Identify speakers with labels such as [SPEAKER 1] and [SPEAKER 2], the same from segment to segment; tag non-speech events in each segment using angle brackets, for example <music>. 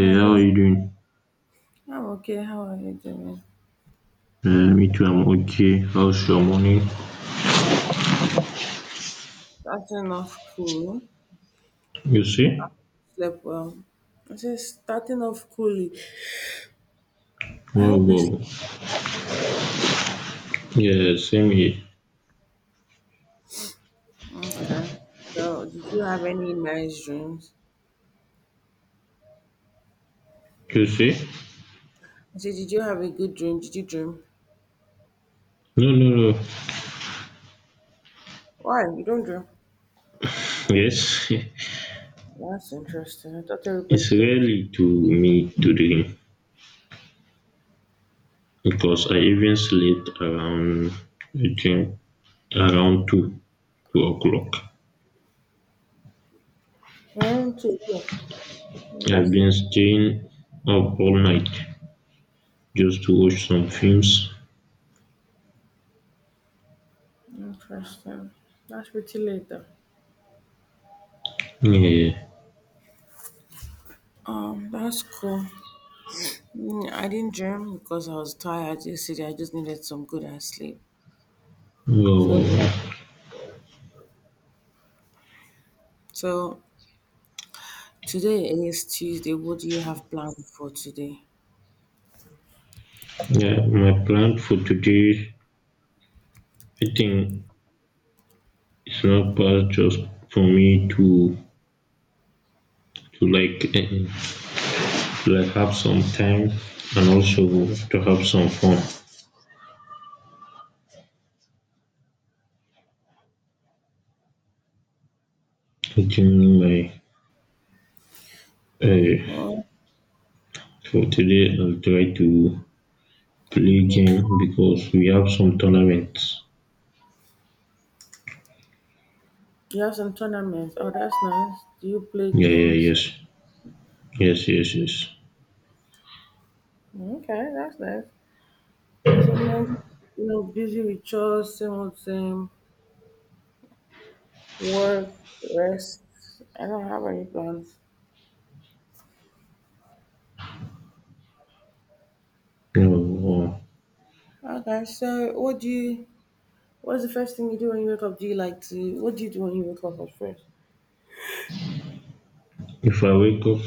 [SPEAKER 1] Hi, good
[SPEAKER 2] how are
[SPEAKER 1] morning.
[SPEAKER 2] you doing?
[SPEAKER 1] I'm okay. How are you doing?
[SPEAKER 2] Me too, I'm okay. How's your morning?
[SPEAKER 1] Starting off cool.
[SPEAKER 2] You see?
[SPEAKER 1] Slept well. I said starting off coolly. I
[SPEAKER 2] Wow,
[SPEAKER 1] hope you slept.
[SPEAKER 2] wow. Yeah, same here.
[SPEAKER 1] Okay. So, did you have any nice dreams?
[SPEAKER 2] You see?
[SPEAKER 1] I said, did you have a good dream? Did you dream?
[SPEAKER 2] No, no, no.
[SPEAKER 1] Why? You don't dream?
[SPEAKER 2] Yes,
[SPEAKER 1] That's interesting. I thought
[SPEAKER 2] <laughs>
[SPEAKER 1] everybody
[SPEAKER 2] it's
[SPEAKER 1] dreams.
[SPEAKER 2] rarely to me to dream because I even slept around, I think, around 2 o'clock.
[SPEAKER 1] Around 2 o'clock.
[SPEAKER 2] I've
[SPEAKER 1] That's
[SPEAKER 2] been
[SPEAKER 1] late.
[SPEAKER 2] staying up all night just to watch some films.
[SPEAKER 1] Interesting. That's pretty late though.
[SPEAKER 2] Yeah.
[SPEAKER 1] That's cool. I didn't dream because I was tired yesterday. I just needed some good ass sleep. So,
[SPEAKER 2] Oh,
[SPEAKER 1] yeah. so Today is Tuesday. What do you have planned for today?
[SPEAKER 2] yeah, my plan for today, I think it's not bad just for me to like have some time and also to have some fun. During my uh,
[SPEAKER 1] Oh,
[SPEAKER 2] for today, I'll try to play game because we have some tournaments.
[SPEAKER 1] you have some tournaments. Oh, that's nice. Do you play
[SPEAKER 2] Yeah, yeah,
[SPEAKER 1] games?
[SPEAKER 2] yes, yes, yes, yes.
[SPEAKER 1] Okay, that's nice. And so, man, busy with chores, same old same, work, rest. I don't have any plans.
[SPEAKER 2] No,
[SPEAKER 1] Okay, so what's the first thing you do when you wake up? Do you like to what do you do when you wake up at first?
[SPEAKER 2] if I wake up,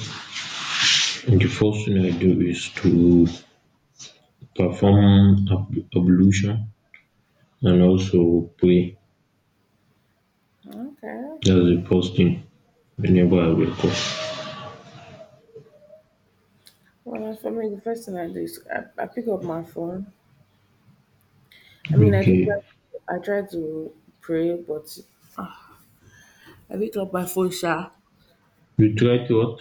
[SPEAKER 2] the first thing I do is to perform ablution and also pray.
[SPEAKER 1] Okay, that's
[SPEAKER 2] That's
[SPEAKER 1] good.
[SPEAKER 2] the first thing whenever I wake up.
[SPEAKER 1] Well, as for me, the first thing I do is I pick up my phone. I mean, I do.
[SPEAKER 2] Okay.
[SPEAKER 1] I try to pray, but I pick up my phone. Sha,
[SPEAKER 2] We try to what?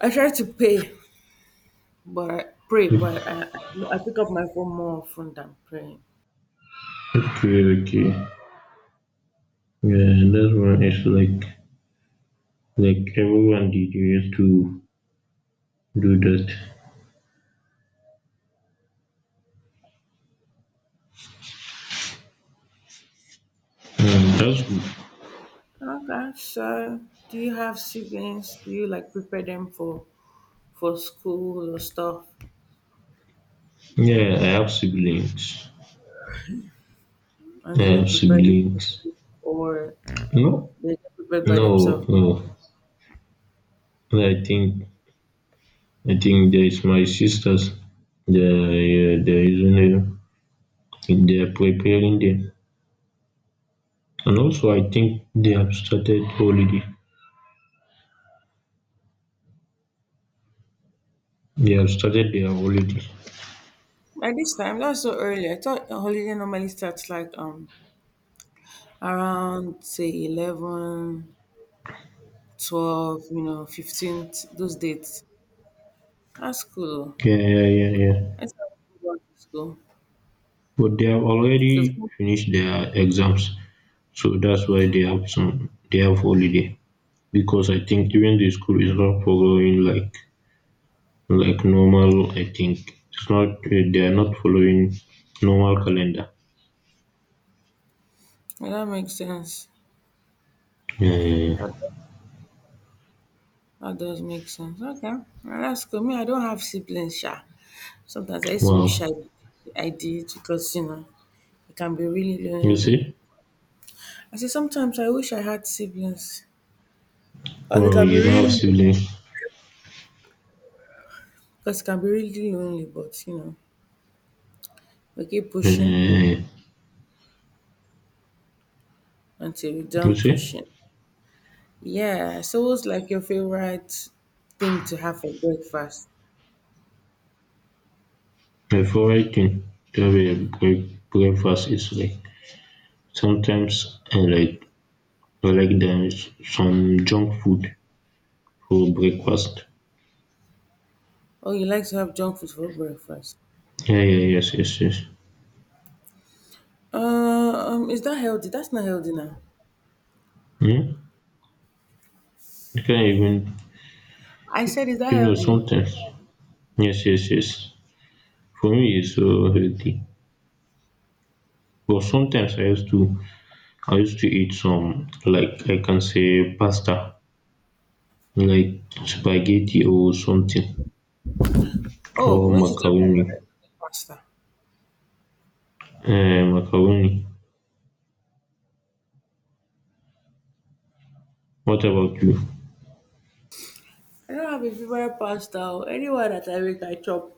[SPEAKER 1] I try to pay, but I pray, but I pick up my phone more often than praying.
[SPEAKER 2] Okay, okay. Yeah, that one is like everyone did. You used to do that. Mm, that's good.
[SPEAKER 1] Okay, so do you have siblings? Do you like prepare them for school or stuff?
[SPEAKER 2] Yeah, I have siblings.
[SPEAKER 1] And
[SPEAKER 2] I
[SPEAKER 1] do you
[SPEAKER 2] have
[SPEAKER 1] prepare them for
[SPEAKER 2] siblings.
[SPEAKER 1] school or
[SPEAKER 2] No,
[SPEAKER 1] they get prepared by
[SPEAKER 2] no,
[SPEAKER 1] themselves?
[SPEAKER 2] no. I think I think there is my sisters. They there is a they are preparing them, and also I think they have started holiday. They have started their holiday.
[SPEAKER 1] At this time, that's so early. I thought a holiday normally starts like around say 11, 12, 15th, those dates. That's cool.
[SPEAKER 2] Yeah, yeah, yeah, yeah.
[SPEAKER 1] I still have go back to school.
[SPEAKER 2] But they have
[SPEAKER 1] 'Cause-
[SPEAKER 2] already finished their exams, so that's why they have holiday. Because I think even the school is not following like normal. I think it's not, they are not following normal calendar.
[SPEAKER 1] yeah, that makes sense.
[SPEAKER 2] Yeah, yeah, yeah.
[SPEAKER 1] That, that does make sense. Okay. Well, that's cool. Me, I don't have siblings, sha. Sometimes I used to wish
[SPEAKER 2] Wow,
[SPEAKER 1] I did because, it can be really
[SPEAKER 2] you
[SPEAKER 1] lonely.
[SPEAKER 2] see,
[SPEAKER 1] I say sometimes I wish I had siblings. Because it
[SPEAKER 2] wow,
[SPEAKER 1] can be
[SPEAKER 2] you don't have
[SPEAKER 1] really
[SPEAKER 2] siblings.
[SPEAKER 1] because it can be really lonely, but we keep
[SPEAKER 2] Yeah, yeah,
[SPEAKER 1] pushing
[SPEAKER 2] yeah.
[SPEAKER 1] until we
[SPEAKER 2] You
[SPEAKER 1] done
[SPEAKER 2] see,
[SPEAKER 1] pushing. Yeah, so what's like your favorite thing to have for breakfast?
[SPEAKER 2] my favorite thing to have breakfast is like sometimes I like the, some junk food for breakfast.
[SPEAKER 1] Oh, you like to have junk food for breakfast.
[SPEAKER 2] Yeah, yeah, yes, yes, yes.
[SPEAKER 1] Uh, is that healthy? That's not healthy now.
[SPEAKER 2] Hmm? You can't even,
[SPEAKER 1] I said, is that healthy?
[SPEAKER 2] sometimes, yes, yes, yes. For me, it's so healthy. But sometimes I used to eat some, like I can say, pasta, like spaghetti or something,
[SPEAKER 1] Oh,
[SPEAKER 2] or
[SPEAKER 1] which is your
[SPEAKER 2] macaroni.
[SPEAKER 1] favorite pasta?
[SPEAKER 2] Macaroni. What about you?
[SPEAKER 1] I don't have a favorite pasta, or anyone that I make, I chop.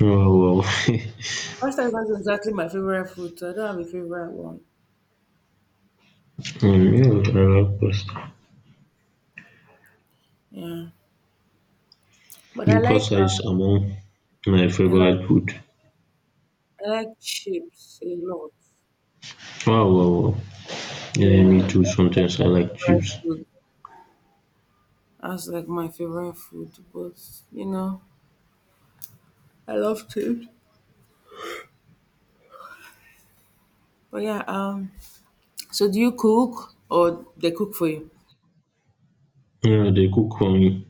[SPEAKER 2] Wow, wow. <laughs>
[SPEAKER 1] Pasta is not exactly my favorite food, so I don't have a favorite one.
[SPEAKER 2] Yeah, I love pasta.
[SPEAKER 1] Yeah, but
[SPEAKER 2] And pasta is among my
[SPEAKER 1] I like,
[SPEAKER 2] favorite food.
[SPEAKER 1] I like chips a lot.
[SPEAKER 2] Wow, wow, wow. Yeah, me
[SPEAKER 1] Yeah,
[SPEAKER 2] too.
[SPEAKER 1] that's like
[SPEAKER 2] Sometimes I
[SPEAKER 1] my
[SPEAKER 2] like
[SPEAKER 1] favorite
[SPEAKER 2] chips.
[SPEAKER 1] food. That's like my favorite food, but you know, I love food. But yeah, so do you cook or they cook for you?
[SPEAKER 2] Yeah, they cook for me,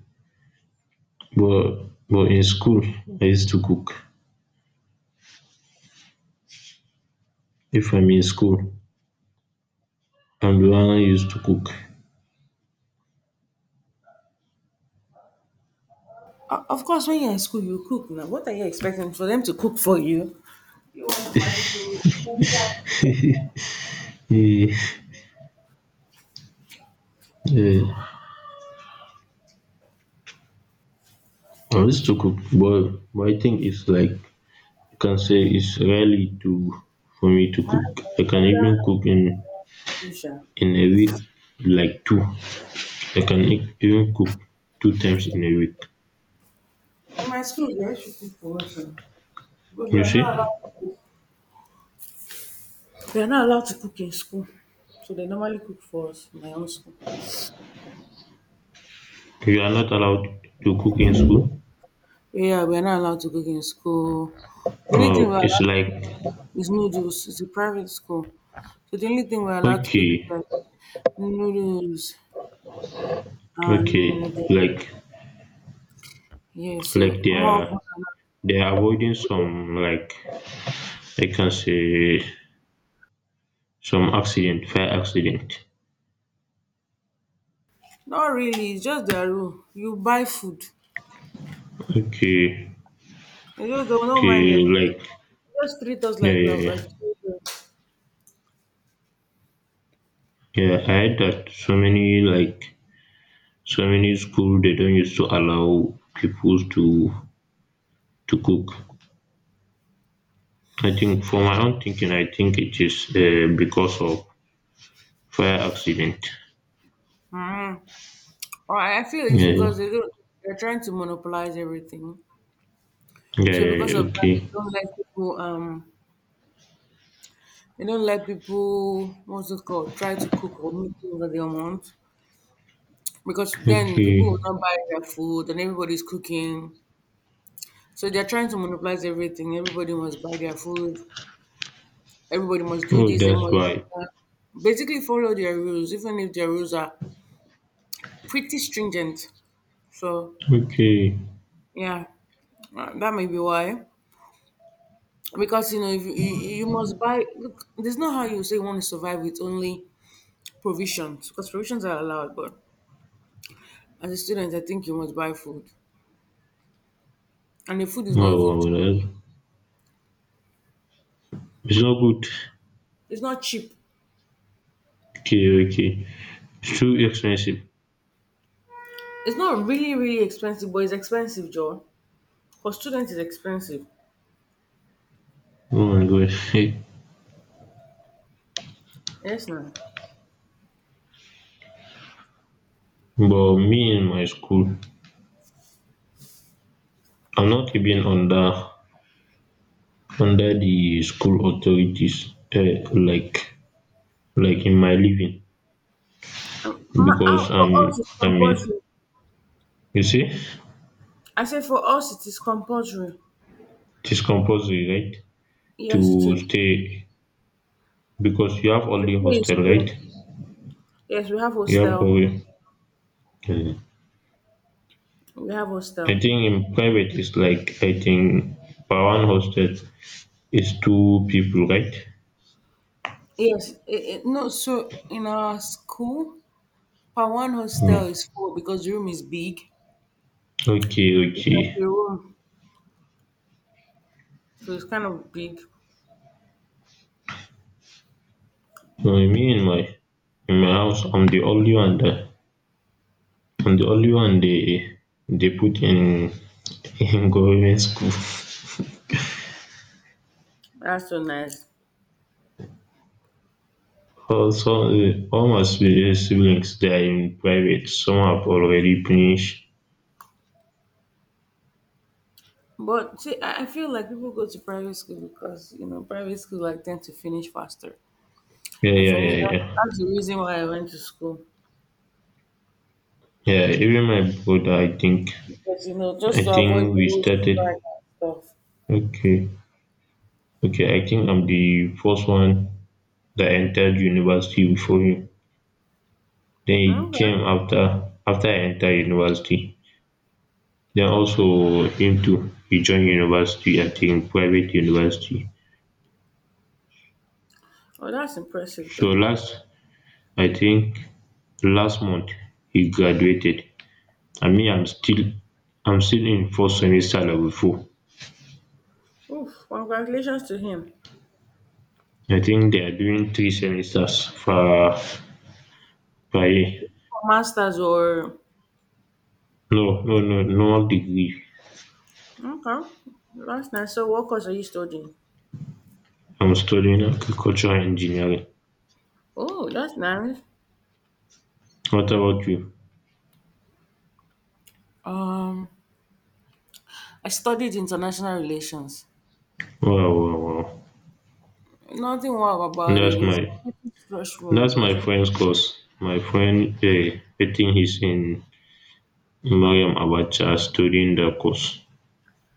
[SPEAKER 2] but in school I used to cook. If I'm in school, I'm the one who used to cook.
[SPEAKER 1] Of course, when you're in school, you cook. Now, what are you expecting for them to cook for you? You want magical? Nobody that cook it.
[SPEAKER 2] <laughs> Yeah, yeah. I used to cook, but I think it's like, you can say it's rarely to for me to
[SPEAKER 1] My
[SPEAKER 2] cook. I can even
[SPEAKER 1] brother had
[SPEAKER 2] cook in
[SPEAKER 1] school, sha.
[SPEAKER 2] in a week, like two I can even cook two times in a week.
[SPEAKER 1] In my school, they actually cook for us, sha. But we
[SPEAKER 2] You
[SPEAKER 1] are not allowed.
[SPEAKER 2] see,
[SPEAKER 1] We are not allowed to cook in school, so they normally cook for us in my own school.
[SPEAKER 2] you are not allowed to cook in school?
[SPEAKER 1] Yeah, we are not allowed to cook in school. The only thing
[SPEAKER 2] Wow,
[SPEAKER 1] we're
[SPEAKER 2] it's
[SPEAKER 1] allowed to
[SPEAKER 2] like
[SPEAKER 1] cook. It's noodles. It's a private school. So the only thing we're allowed to cook is
[SPEAKER 2] okay,
[SPEAKER 1] like noodles
[SPEAKER 2] okay.
[SPEAKER 1] and
[SPEAKER 2] Like,
[SPEAKER 1] yeah, so
[SPEAKER 2] they
[SPEAKER 1] more of
[SPEAKER 2] are
[SPEAKER 1] what I'm-
[SPEAKER 2] avoiding some, like I can say, some accident, fire accident.
[SPEAKER 1] not really, it's just their rule. You buy food.
[SPEAKER 2] Okay,
[SPEAKER 1] They just don't mind
[SPEAKER 2] okay,
[SPEAKER 1] them.
[SPEAKER 2] like,
[SPEAKER 1] They just treat us
[SPEAKER 2] yeah,
[SPEAKER 1] like
[SPEAKER 2] yeah,
[SPEAKER 1] we're
[SPEAKER 2] yeah,
[SPEAKER 1] children.
[SPEAKER 2] yeah. I heard that so many, like, so many school they don't used to allow people to cook. I think for my own thinking, I think it is because of fire accident.
[SPEAKER 1] Mm. Or I feel it's
[SPEAKER 2] Yeah, yeah,
[SPEAKER 1] because they don't they're trying to monopolize everything.
[SPEAKER 2] yeah,
[SPEAKER 1] So because
[SPEAKER 2] yeah,
[SPEAKER 1] of that
[SPEAKER 2] okay,
[SPEAKER 1] they don't let people they don't let people what's it called try to cook or make things that they want. Because then people will
[SPEAKER 2] okay.
[SPEAKER 1] not buy their food and everybody's cooking. So they're trying to monopolize everything. Everybody must buy their food. Everybody must do
[SPEAKER 2] Oh,
[SPEAKER 1] this. They
[SPEAKER 2] that's
[SPEAKER 1] must
[SPEAKER 2] why.
[SPEAKER 1] do that. Basically, follow their rules, even if their rules are pretty stringent. So
[SPEAKER 2] Okay.
[SPEAKER 1] yeah, that may be why. Because if you must buy. Look, there's not how you say you want to survive with only provisions, because provisions are allowed. But as a student, I think you must buy food, and the food is not
[SPEAKER 2] Oh,
[SPEAKER 1] even.
[SPEAKER 2] well, it's not good.
[SPEAKER 1] It's not cheap.
[SPEAKER 2] Okay, okay, it's too expensive.
[SPEAKER 1] It's not really, really expensive, but it's expensive, Joe. For students, it's expensive.
[SPEAKER 2] Oh my God. <laughs>
[SPEAKER 1] Yes, ma'am.
[SPEAKER 2] But me, in my school, I'm not even under the school authorities. Uh, like, in my living,
[SPEAKER 1] Um, ma-
[SPEAKER 2] because
[SPEAKER 1] ah, for
[SPEAKER 2] I'm,
[SPEAKER 1] us, it's
[SPEAKER 2] I mean,
[SPEAKER 1] compulsory.
[SPEAKER 2] you see,
[SPEAKER 1] I said for us, it is compulsory.
[SPEAKER 2] it is compulsory, right, to
[SPEAKER 1] Yes, it is.
[SPEAKER 2] stay because you have
[SPEAKER 1] To
[SPEAKER 2] only
[SPEAKER 1] stay in
[SPEAKER 2] hostel, right?
[SPEAKER 1] school. Yes, we have
[SPEAKER 2] You have
[SPEAKER 1] hostel.
[SPEAKER 2] only, um
[SPEAKER 1] We have
[SPEAKER 2] I
[SPEAKER 1] hostel.
[SPEAKER 2] think in private it's like I think per one hostel is two people, right?
[SPEAKER 1] Yes, no. So in our school, per one
[SPEAKER 2] um
[SPEAKER 1] hostel is four because the room is big.
[SPEAKER 2] okay,
[SPEAKER 1] It's
[SPEAKER 2] okay.
[SPEAKER 1] like a room, so it's kind of big.
[SPEAKER 2] Me, in my house, I'm the only one they, put in, <laughs> in government school.
[SPEAKER 1] That's so nice.
[SPEAKER 2] All all my siblings, they're in private. Some have already finished.
[SPEAKER 1] But see, I feel like people go to private school because private school like tend to finish faster,
[SPEAKER 2] Yeah,
[SPEAKER 1] and
[SPEAKER 2] yeah,
[SPEAKER 1] for me
[SPEAKER 2] yeah,
[SPEAKER 1] that,
[SPEAKER 2] yeah.
[SPEAKER 1] that's the reason why I went to school
[SPEAKER 2] Yeah, even my brother, i think
[SPEAKER 1] because
[SPEAKER 2] i
[SPEAKER 1] just to
[SPEAKER 2] think
[SPEAKER 1] avoid the
[SPEAKER 2] we
[SPEAKER 1] whole
[SPEAKER 2] started.
[SPEAKER 1] strike and stuff.
[SPEAKER 2] Okay, okay, I think I'm the first one that entered university before him, den he
[SPEAKER 1] Okay,
[SPEAKER 2] came after. I entered university. They are also aim to rejoin university, I think private university.
[SPEAKER 1] oh that's impressive
[SPEAKER 2] So
[SPEAKER 1] then.
[SPEAKER 2] last I think last month he graduated, and me, I'm still, in fourth semester level four.
[SPEAKER 1] Oof, congratulations to him.
[SPEAKER 2] I think they are doing three semesters for per year.
[SPEAKER 1] Masters or
[SPEAKER 2] No, no, no, no degree.
[SPEAKER 1] okay, that's nice. So what course are you studying?
[SPEAKER 2] I'm studying agricultural engineering.
[SPEAKER 1] Oh, that's nice.
[SPEAKER 2] What about you?
[SPEAKER 1] Um, I studied international relations.
[SPEAKER 2] Wow, wow, wow.
[SPEAKER 1] Nothing wow about
[SPEAKER 2] That's
[SPEAKER 1] it. It's
[SPEAKER 2] my
[SPEAKER 1] pretty stressful,
[SPEAKER 2] that's
[SPEAKER 1] but
[SPEAKER 2] my friend's course. My friend, I think he's in Maryam Abacha studying the course.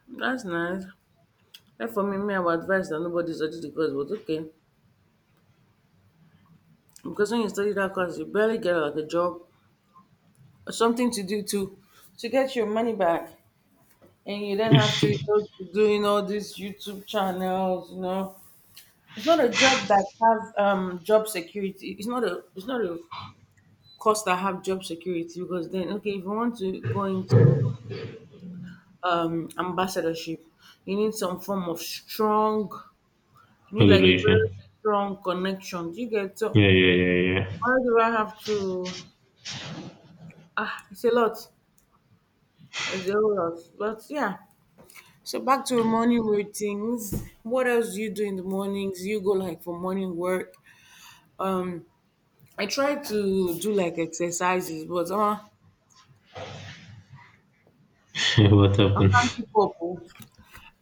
[SPEAKER 1] that's nice. Well, for me, me, I would advise that nobody study the course, but okay. Because when you study that course, you barely get like a job or something to do to get your money back. And you then have to
[SPEAKER 2] <laughs>
[SPEAKER 1] resort to doing all these YouTube channels, you know. It's not a job that has job security. It's not a course that have job security because then okay, if you want to go into ambassadorship, you need some form of strong you need like a very
[SPEAKER 2] Relation.
[SPEAKER 1] strong connection. Do you get so?
[SPEAKER 2] Yeah, yeah, yeah,
[SPEAKER 1] Why do I have to? Ah, it's a lot. It's a whole lot. But yeah. So back to morning routines. What else do you do in the mornings? You go like for morning work. Um, I try to do like exercises, but
[SPEAKER 2] yeah. <laughs> What
[SPEAKER 1] I
[SPEAKER 2] happened?
[SPEAKER 1] can't keep up. Oh.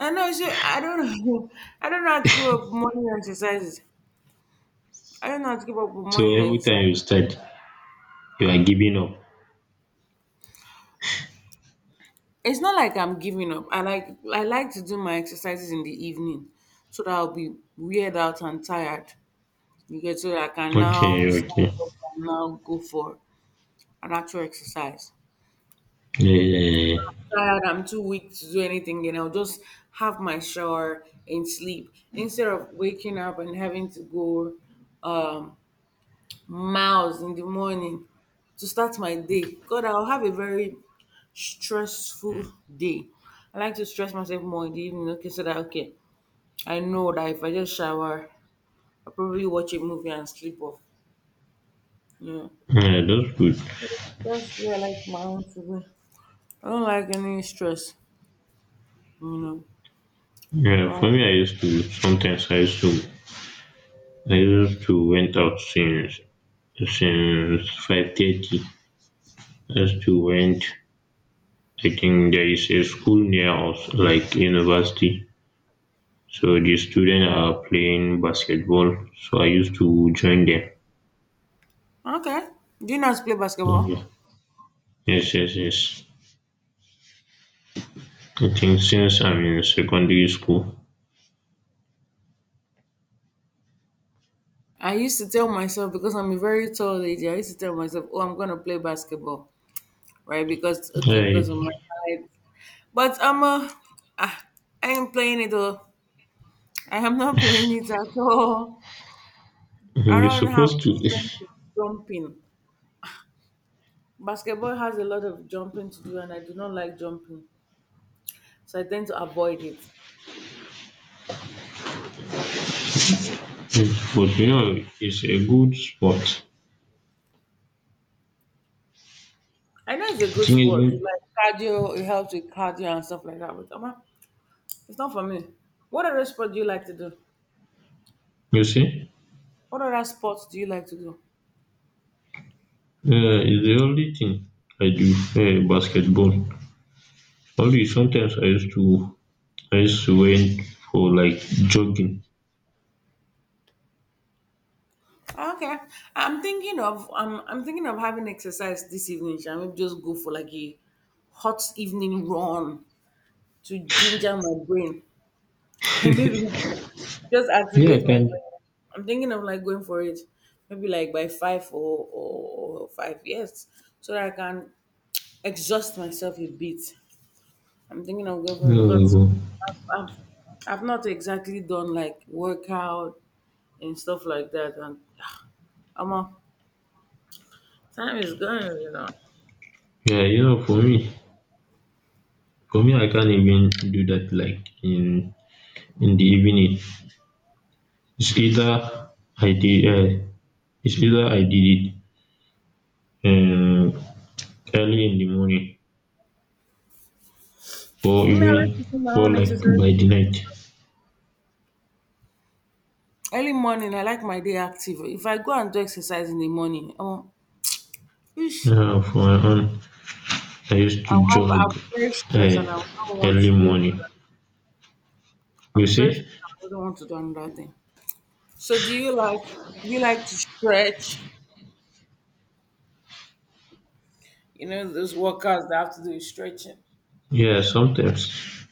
[SPEAKER 1] I know. So I don't know. <laughs> I don't know how to give up morning exercises. I don't know how to give up with
[SPEAKER 2] So
[SPEAKER 1] morning
[SPEAKER 2] every
[SPEAKER 1] exercises.
[SPEAKER 2] time you start, you are giving up.
[SPEAKER 1] It's not like I'm giving up. I like to do my exercises in the evening, so that I'll be weird out and tired. You get so that I can now
[SPEAKER 2] Okay, okay.
[SPEAKER 1] stand up and now go for an actual exercise.
[SPEAKER 2] Yeah, yeah, yeah.
[SPEAKER 1] Tired, I'm too weak to do anything, and I'll just have my shower and sleep instead of waking up and having to go um, miles in the morning to start my day. God, I'll have a very stressful day. I like to stress myself more in the evening, okay, so that okay, I know that if I just shower, I'll probably watch a movie and sleep off. Yeah.
[SPEAKER 2] Yeah, yeah, that's good.
[SPEAKER 1] That's yeah, I like my own to be. I don't like any stress, you know.
[SPEAKER 2] Yeah,
[SPEAKER 1] Um,
[SPEAKER 2] for me, I used to sometimes I used to went out since 5:30. I used to went. I think there is a school near us, like university. So the students are playing basketball. So I used to join them.
[SPEAKER 1] okay. Do you not play basketball?
[SPEAKER 2] Mm, yes, yes, yes. I think since I'm in secondary school,
[SPEAKER 1] I used to tell myself because I'm a very tall lady. I used to tell myself, "Oh, I'm gonna play basketball, right? Because okay,
[SPEAKER 2] I,
[SPEAKER 1] because of my height." But ah, I ain't playing it though. I am not <laughs> playing it at all. I
[SPEAKER 2] you're
[SPEAKER 1] don't have
[SPEAKER 2] supposed
[SPEAKER 1] the
[SPEAKER 2] to.
[SPEAKER 1] strength
[SPEAKER 2] <laughs>
[SPEAKER 1] to jump in. Basketball has a lot of jumping to do, and I do not like jumping, so I tend to avoid it.
[SPEAKER 2] But you know, it's a good sport.
[SPEAKER 1] I know
[SPEAKER 2] I
[SPEAKER 1] it's a good
[SPEAKER 2] think
[SPEAKER 1] sport. It's like cardio, it helps with cardio and stuff like that. But Amma, it's not for me. What other sport do you like to do?
[SPEAKER 2] you see,
[SPEAKER 1] What other sports do you like to do?
[SPEAKER 2] it's the only thing I do, basketball. Only sometimes I used to went for like jogging.
[SPEAKER 1] Okay, I'm thinking of having exercise this evening. Shall we just go for like a hot evening run to ginger my brain? <laughs> Maybe just
[SPEAKER 2] Yeah, I
[SPEAKER 1] activate my
[SPEAKER 2] can.
[SPEAKER 1] brain. I'm thinking of like going for it, maybe like by five or five, yes, so that I can exhaust myself a bit. I'm thinking of going for it because
[SPEAKER 2] No,
[SPEAKER 1] I've, I've I've not exactly done like workout and stuff like that, and I'm a, time is going.
[SPEAKER 2] yeah, you know, for me, I can't even do that. Like, in the evening, it's either I did. It um early in the morning or
[SPEAKER 1] I mean, I like
[SPEAKER 2] even
[SPEAKER 1] to do my
[SPEAKER 2] or
[SPEAKER 1] own
[SPEAKER 2] like
[SPEAKER 1] exercise.
[SPEAKER 2] by the night.
[SPEAKER 1] Early morning, I like my day active. If I go and do exercise in the morning, ish,
[SPEAKER 2] For my own, I used to jog,
[SPEAKER 1] I'll be very stressed
[SPEAKER 2] um
[SPEAKER 1] and I do not want
[SPEAKER 2] early
[SPEAKER 1] to do.
[SPEAKER 2] morning, you
[SPEAKER 1] I'm very
[SPEAKER 2] see.
[SPEAKER 1] stressed. I do not want to do another thing. So, do you like to stretch? You know, those workouts that have to do with stretching.
[SPEAKER 2] Yeah, sometimes.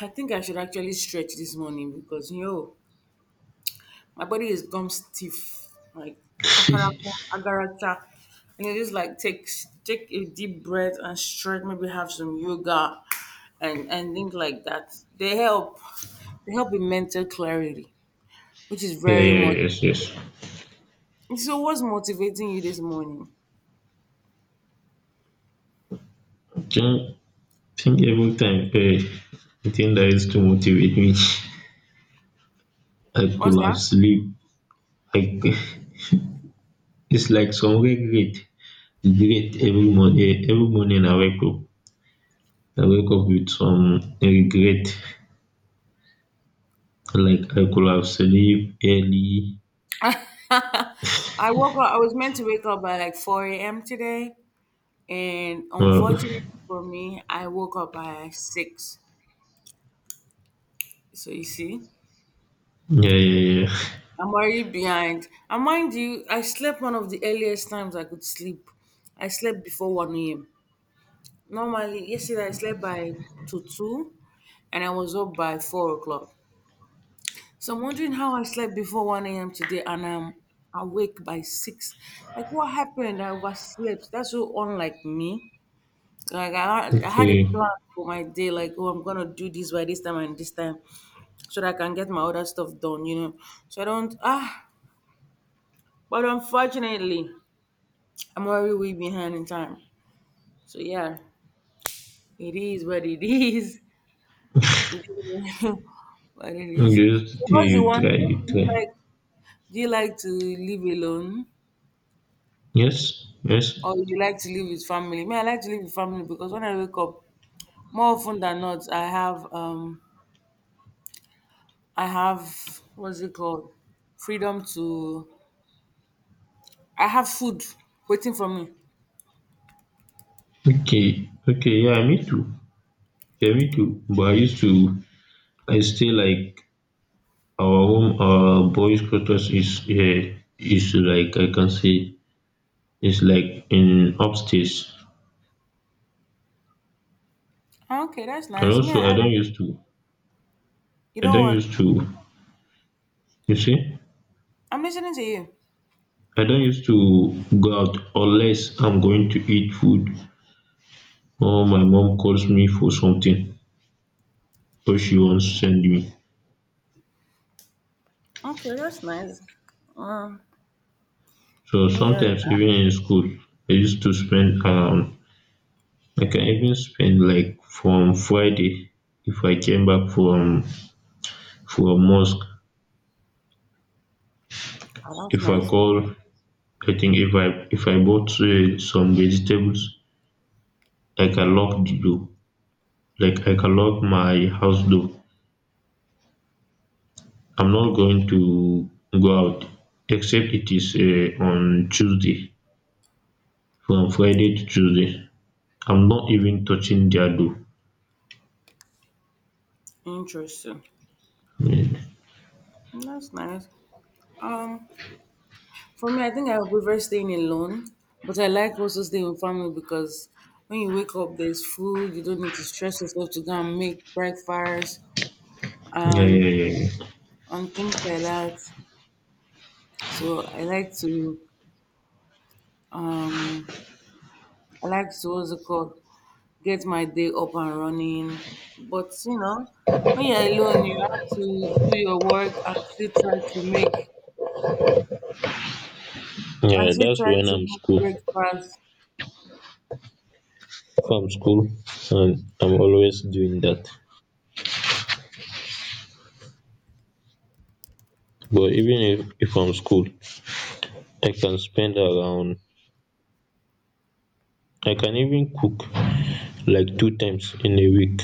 [SPEAKER 1] I think I should actually stretch this morning because you know my body is gum stiff, like
[SPEAKER 2] <laughs> Yeah,
[SPEAKER 1] kakaraka agaracha, and it just like take a deep breath and stretch. Maybe have some yoga, and things like that. They help. They help with mental clarity, which is
[SPEAKER 2] yeah,
[SPEAKER 1] very much.
[SPEAKER 2] yes, yes,
[SPEAKER 1] So, what's motivating you this morning?
[SPEAKER 2] think, every time, the thing that used to motivate me. <laughs> I
[SPEAKER 1] What's
[SPEAKER 2] could have
[SPEAKER 1] that?
[SPEAKER 2] sleep. I. <laughs> It's like some regret, every morning. I wake up, with some regret, like I could have sleep early.
[SPEAKER 1] <laughs> I woke up. I was meant to wake up by like four a.m. today, and
[SPEAKER 2] Uh,
[SPEAKER 1] unfortunately for me, I woke up by six. So you see,
[SPEAKER 2] yeah, yeah, yeah.
[SPEAKER 1] I'm already behind. And mind you, I slept one of the earliest times I could sleep. I slept before 1 a.m. Normally, yesterday I slept by 2 and I was up by 4 o'clock. So I'm wondering how I slept before 1 a.m. today and I'm awake by 6. Like, what happened? I overslept. That's so unlike me. Like, I had a
[SPEAKER 2] Okay.
[SPEAKER 1] plan for my day, like, oh, I'm going to do this by this time and this time so that I can get my other stuff done, you know. So I don't, ah. But unfortunately, I'm already way behind in time. So yeah, it is what it is. <laughs> It is what it is.
[SPEAKER 2] Just
[SPEAKER 1] So
[SPEAKER 2] yeah,
[SPEAKER 1] what's the
[SPEAKER 2] you
[SPEAKER 1] one
[SPEAKER 2] try,
[SPEAKER 1] thing
[SPEAKER 2] you
[SPEAKER 1] do you
[SPEAKER 2] try.
[SPEAKER 1] like? Do you like to live alone,
[SPEAKER 2] Yes, yes.
[SPEAKER 1] or you like to live with family? Me, I like to live with family because when I wake up, more often than not, I have what's it called? Freedom to. I have food waiting for me.
[SPEAKER 2] Okay, okay. Yeah, me too. Yeah, me too. But I used to. I still like our home. Our boys' quarters is, yeah, is like I can say it's like in upstairs.
[SPEAKER 1] Ah, okay, that's
[SPEAKER 2] And
[SPEAKER 1] nice. Me,
[SPEAKER 2] also, I
[SPEAKER 1] I,
[SPEAKER 2] don't used to.
[SPEAKER 1] you
[SPEAKER 2] I
[SPEAKER 1] know
[SPEAKER 2] don't
[SPEAKER 1] what?
[SPEAKER 2] used to. You see,
[SPEAKER 1] I'm listening to you.
[SPEAKER 2] I don't used to go out unless I'm going to eat food. Oh, my mom calls me for something wey she wan send me.
[SPEAKER 1] Okay, that's nice. Um,
[SPEAKER 2] So
[SPEAKER 1] me, I,
[SPEAKER 2] sometimes even in school, I used to spend, I can even spend like, from Friday, if I came back from mosque,
[SPEAKER 1] I like
[SPEAKER 2] if I
[SPEAKER 1] my
[SPEAKER 2] call, I think if I if I bought, some vegetables, I can lock the door, like I can lock my house door. I'm not going to go out, except it is, on Tuesday. From Friday to Tuesday, I'm not even touching their dough.
[SPEAKER 1] interesting.
[SPEAKER 2] Yeah,
[SPEAKER 1] That's nice. Um, for me, I think I would prefer staying alone, but I like also staying with family because when you wake up, there's food. You don't need to stress yourself to go and make breakfast
[SPEAKER 2] yeah,
[SPEAKER 1] and
[SPEAKER 2] yeah, yeah.
[SPEAKER 1] and things like that. So um, I like to what's it called? Get my day up and running. But you know, when you're alone, you have to do your work and still try to make
[SPEAKER 2] Yeah,
[SPEAKER 1] and still
[SPEAKER 2] that's
[SPEAKER 1] try
[SPEAKER 2] when
[SPEAKER 1] to
[SPEAKER 2] I'm
[SPEAKER 1] make
[SPEAKER 2] school.
[SPEAKER 1] breakfast.
[SPEAKER 2] If I'm school, and I'm always doing that. But even if, I'm school, I can spend around, I can even cook like two times in a week.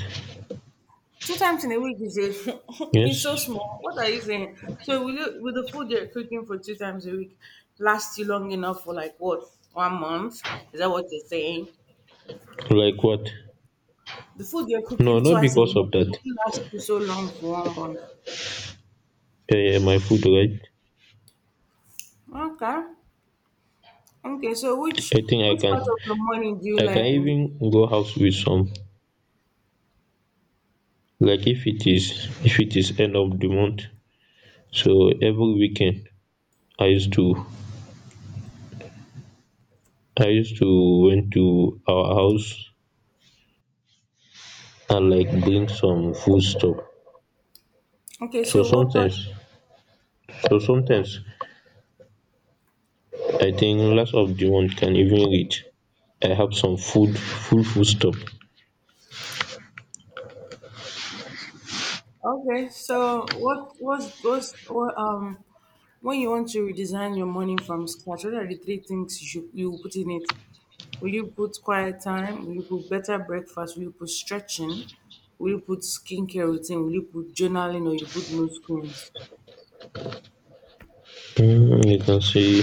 [SPEAKER 1] Two times in a week is a, <laughs> it's so
[SPEAKER 2] Yes?
[SPEAKER 1] small. What are you saying? So will you, will the food you're cooking for two times a week last you long enough for like what 1 month? Is that what you're saying?
[SPEAKER 2] Like what?
[SPEAKER 1] The food you're
[SPEAKER 2] No,
[SPEAKER 1] cooking
[SPEAKER 2] not
[SPEAKER 1] twice a
[SPEAKER 2] because
[SPEAKER 1] month
[SPEAKER 2] of that.
[SPEAKER 1] will last you so long for one
[SPEAKER 2] Yeah, yeah, my food, right?
[SPEAKER 1] month? Okay, okay. So which
[SPEAKER 2] I think
[SPEAKER 1] which part of the morning do you
[SPEAKER 2] I can
[SPEAKER 1] like the most?
[SPEAKER 2] even go house with some. Like if it is end of the month, so every weekend I used to I used to went to our house and like bring some food stuff.
[SPEAKER 1] Okay,
[SPEAKER 2] so
[SPEAKER 1] so what part?
[SPEAKER 2] sometimes so sometimes I think last of the one can even reach, I have some food, full foodstuff.
[SPEAKER 1] Okay, so what was what, um, when you want to redesign your morning from scratch? What are the three things you will put in it? Will you put quiet time? Will you put better breakfast? Will you put stretching? Will you put skincare routine? Will you put journaling or you put no screens?
[SPEAKER 2] You can say,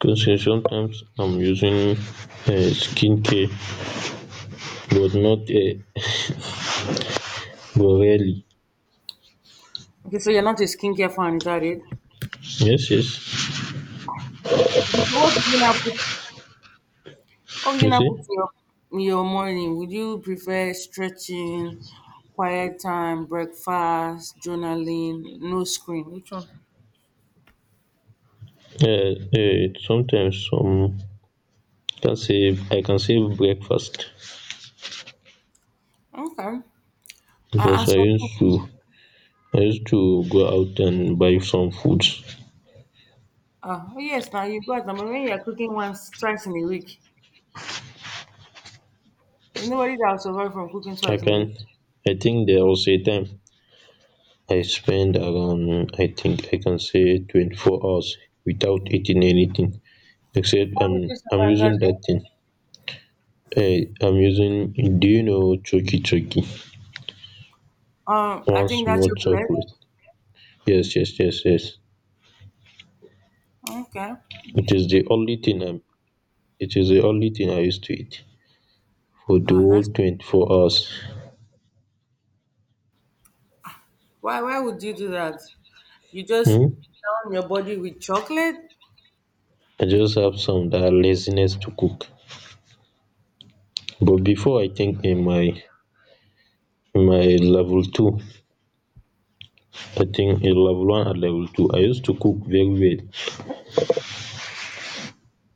[SPEAKER 2] can see, sometimes I'm using, skincare, but not, but rarely.
[SPEAKER 1] Okay, so you're not a skincare fan, is that it?
[SPEAKER 2] Yes, yes.
[SPEAKER 1] Okay, so what did you now put? Oh, you
[SPEAKER 2] You
[SPEAKER 1] know,
[SPEAKER 2] see.
[SPEAKER 1] with your morning, would you prefer stretching, quiet time, breakfast, journaling, no screen? Which one?
[SPEAKER 2] um Sometimes, some can save. I can save breakfast
[SPEAKER 1] Okay.
[SPEAKER 2] because
[SPEAKER 1] As for me,
[SPEAKER 2] I used to go out and buy some food.
[SPEAKER 1] oh yes, now you got number when you're cooking once, twice in a week. There's nobody that will survive from cooking
[SPEAKER 2] I
[SPEAKER 1] twice in a week.
[SPEAKER 2] can I think there was a time I spent around, I think, I can say 24 hours without eating anything, except
[SPEAKER 1] How did you
[SPEAKER 2] I'm
[SPEAKER 1] survive
[SPEAKER 2] using
[SPEAKER 1] that
[SPEAKER 2] that
[SPEAKER 1] day?
[SPEAKER 2] thing, I'm using. Do you know choky choky?
[SPEAKER 1] I
[SPEAKER 2] One
[SPEAKER 1] think that's
[SPEAKER 2] small
[SPEAKER 1] chocolate.
[SPEAKER 2] chocolate. Yes, yes, yes, yes.
[SPEAKER 1] Okay.
[SPEAKER 2] It is the only thing I'm it is the only thing I used to eat for the whole
[SPEAKER 1] That's
[SPEAKER 2] 24 hours.
[SPEAKER 1] why would you do that? You just
[SPEAKER 2] Hmm.
[SPEAKER 1] down your body with chocolate?
[SPEAKER 2] I just have some that laziness to cook. But before, I think in my, level two, I think in level one and level two I used to cook very well.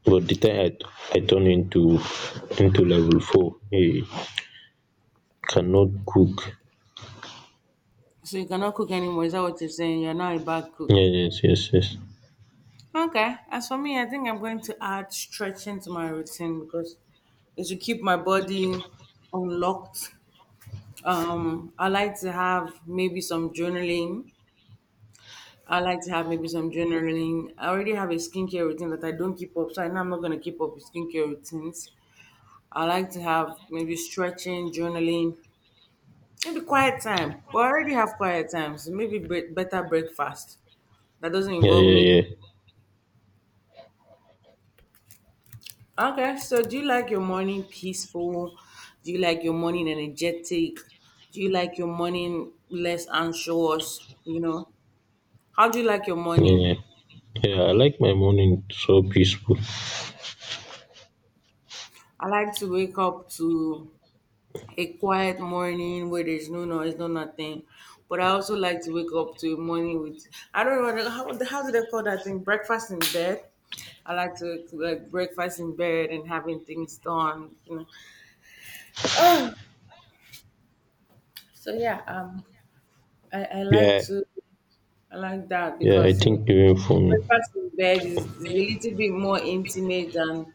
[SPEAKER 2] But the time I turn into level four, I cannot cook.
[SPEAKER 1] So you cannot cook anymore. Is that what you're saying? You're now a bad cook.
[SPEAKER 2] Yeah, yes, yes, yes,
[SPEAKER 1] Okay. As for me, I think I'm going to add stretching to my routine because it should keep my body unlocked. I like to have maybe some journaling. I like to have maybe some journaling. I already have a skincare routine that I don't keep up, so I know I'm not going to keep up with skincare routines. I like to have maybe stretching, journaling, maybe quiet time. But I already have quiet times, so maybe better breakfast that doesn't
[SPEAKER 2] yeah,
[SPEAKER 1] involve me.
[SPEAKER 2] yeah, yeah,
[SPEAKER 1] Okay, so do you like your morning peaceful? Do you like your morning energetic? Do you like your morning less anxious? You know, how do you like your
[SPEAKER 2] yeah,
[SPEAKER 1] morning?
[SPEAKER 2] yeah, yeah, I like my morning so peaceful.
[SPEAKER 1] I like to wake up to a quiet morning where there's no noise, no nothing. But I also like to wake up to a morning with I don't know how do they call that thing? Breakfast in bed. I like to like breakfast in bed and having things done. You know. <sighs> So yeah, I like
[SPEAKER 2] Yeah,
[SPEAKER 1] to I like that
[SPEAKER 2] yeah, I
[SPEAKER 1] because you
[SPEAKER 2] think
[SPEAKER 1] know
[SPEAKER 2] even for me,
[SPEAKER 1] breakfast in bed is a little bit more intimate than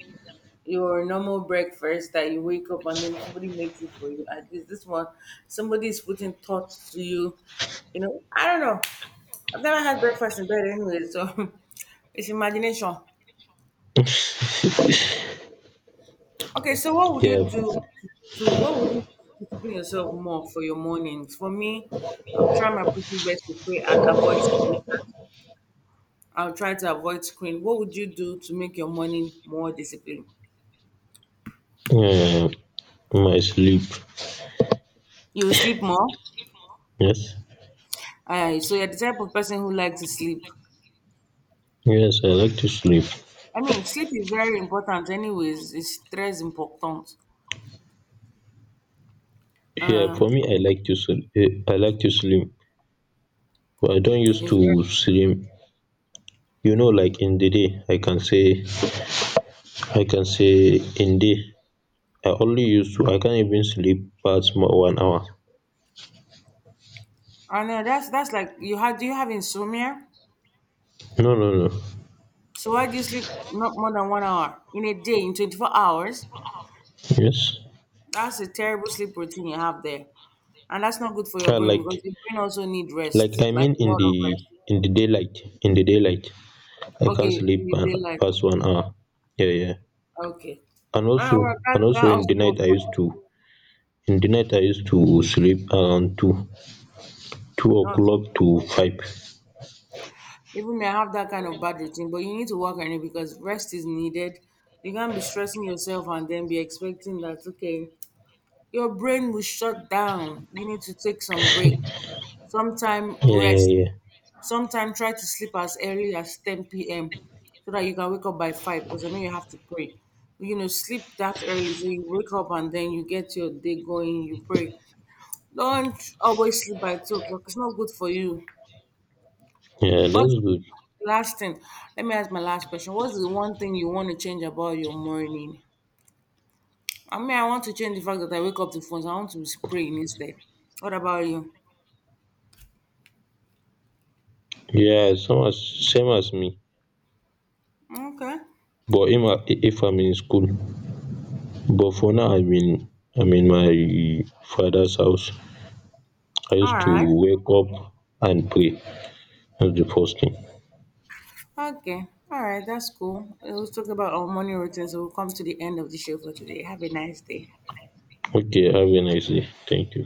[SPEAKER 1] your normal breakfast that you wake up and then somebody makes it for you. At least this one, somebody is putting thoughts to you. You know, I don't know. I've never had breakfast in bed anyway, so <laughs> it's imagination. Okay, so what would you
[SPEAKER 2] yeah,
[SPEAKER 1] do to, to what would you do to discipline yourself more for your mornings? For me, I'll try my possible best to pray and avoid screen. I'll try to avoid screen. What would you do to make your morning more disciplined?
[SPEAKER 2] yeah. My sleep.
[SPEAKER 1] You sleep more.
[SPEAKER 2] Yes,
[SPEAKER 1] So you're the type of person who likes to sleep.
[SPEAKER 2] yes, I like to sleep.
[SPEAKER 1] I mean, sleep is very important, anyways. It's très important.
[SPEAKER 2] Yeah, for
[SPEAKER 1] Um,
[SPEAKER 2] me, I like to sleep. But I don used
[SPEAKER 1] it's very,
[SPEAKER 2] to slim, you know. Like in the day I can say, in day I only used to. I can not even sleep pass more 1 hour.
[SPEAKER 1] I know that's like you have. Do you have insomnia?
[SPEAKER 2] No, no, no,
[SPEAKER 1] So why do you sleep not more than 1 hour in a day in 24 hours?
[SPEAKER 2] yes,
[SPEAKER 1] That's a terrible sleep routine you have there, and that's not good for your
[SPEAKER 2] ah,
[SPEAKER 1] brain because your brain also need
[SPEAKER 2] like
[SPEAKER 1] rest,
[SPEAKER 2] I
[SPEAKER 1] like
[SPEAKER 2] mean,
[SPEAKER 1] a
[SPEAKER 2] in
[SPEAKER 1] lot
[SPEAKER 2] the,
[SPEAKER 1] of rest.
[SPEAKER 2] daylight, I can not
[SPEAKER 1] Okay,
[SPEAKER 2] sleep
[SPEAKER 1] in the daylight.
[SPEAKER 2] pass 1 hour. Yeah, yeah.
[SPEAKER 1] Okay.
[SPEAKER 2] And also,
[SPEAKER 1] Ah, well, that
[SPEAKER 2] in the
[SPEAKER 1] also
[SPEAKER 2] night
[SPEAKER 1] works
[SPEAKER 2] I
[SPEAKER 1] for
[SPEAKER 2] used
[SPEAKER 1] me.
[SPEAKER 2] to, in the night I used to sleep around two
[SPEAKER 1] Ah,
[SPEAKER 2] oclock to five.
[SPEAKER 1] even me, I have that kind of bad routine, but you need to work on it because rest is needed. You can't be stressing yourself and then be expecting that, okay, your brain will shut down. You need to take some break. Sometime
[SPEAKER 2] Yeah,
[SPEAKER 1] rest.
[SPEAKER 2] yeah, yeah,
[SPEAKER 1] Sometime try to sleep as early as 10 p.m. so that you can wake up by 5 because I know you have to pray. You know, sleep that early so you wake up and then you get your day going, you pray. Don't always sleep by 2 o'clock. It's not good for you.
[SPEAKER 2] yeah,
[SPEAKER 1] What's
[SPEAKER 2] thats good.
[SPEAKER 1] the last thing? Let me ask my last question. What's the one thing you want to change about your morning? I mean, I want to change the fact that I wake up to phones. I want to be praying instead. What about you?
[SPEAKER 2] Yeah, same as, me.
[SPEAKER 1] Okay.
[SPEAKER 2] But I'm, if I'm in school, but for now I'm in, my fathers house. I used
[SPEAKER 1] All
[SPEAKER 2] to
[SPEAKER 1] right.
[SPEAKER 2] wake up and pray. Thats the first thing.
[SPEAKER 1] Okay. All right. That's cool. We'll talk about our morning routine. So we'll come to the end of the show for today. Have a nice day.
[SPEAKER 2] Okay, have a nice day, thank you.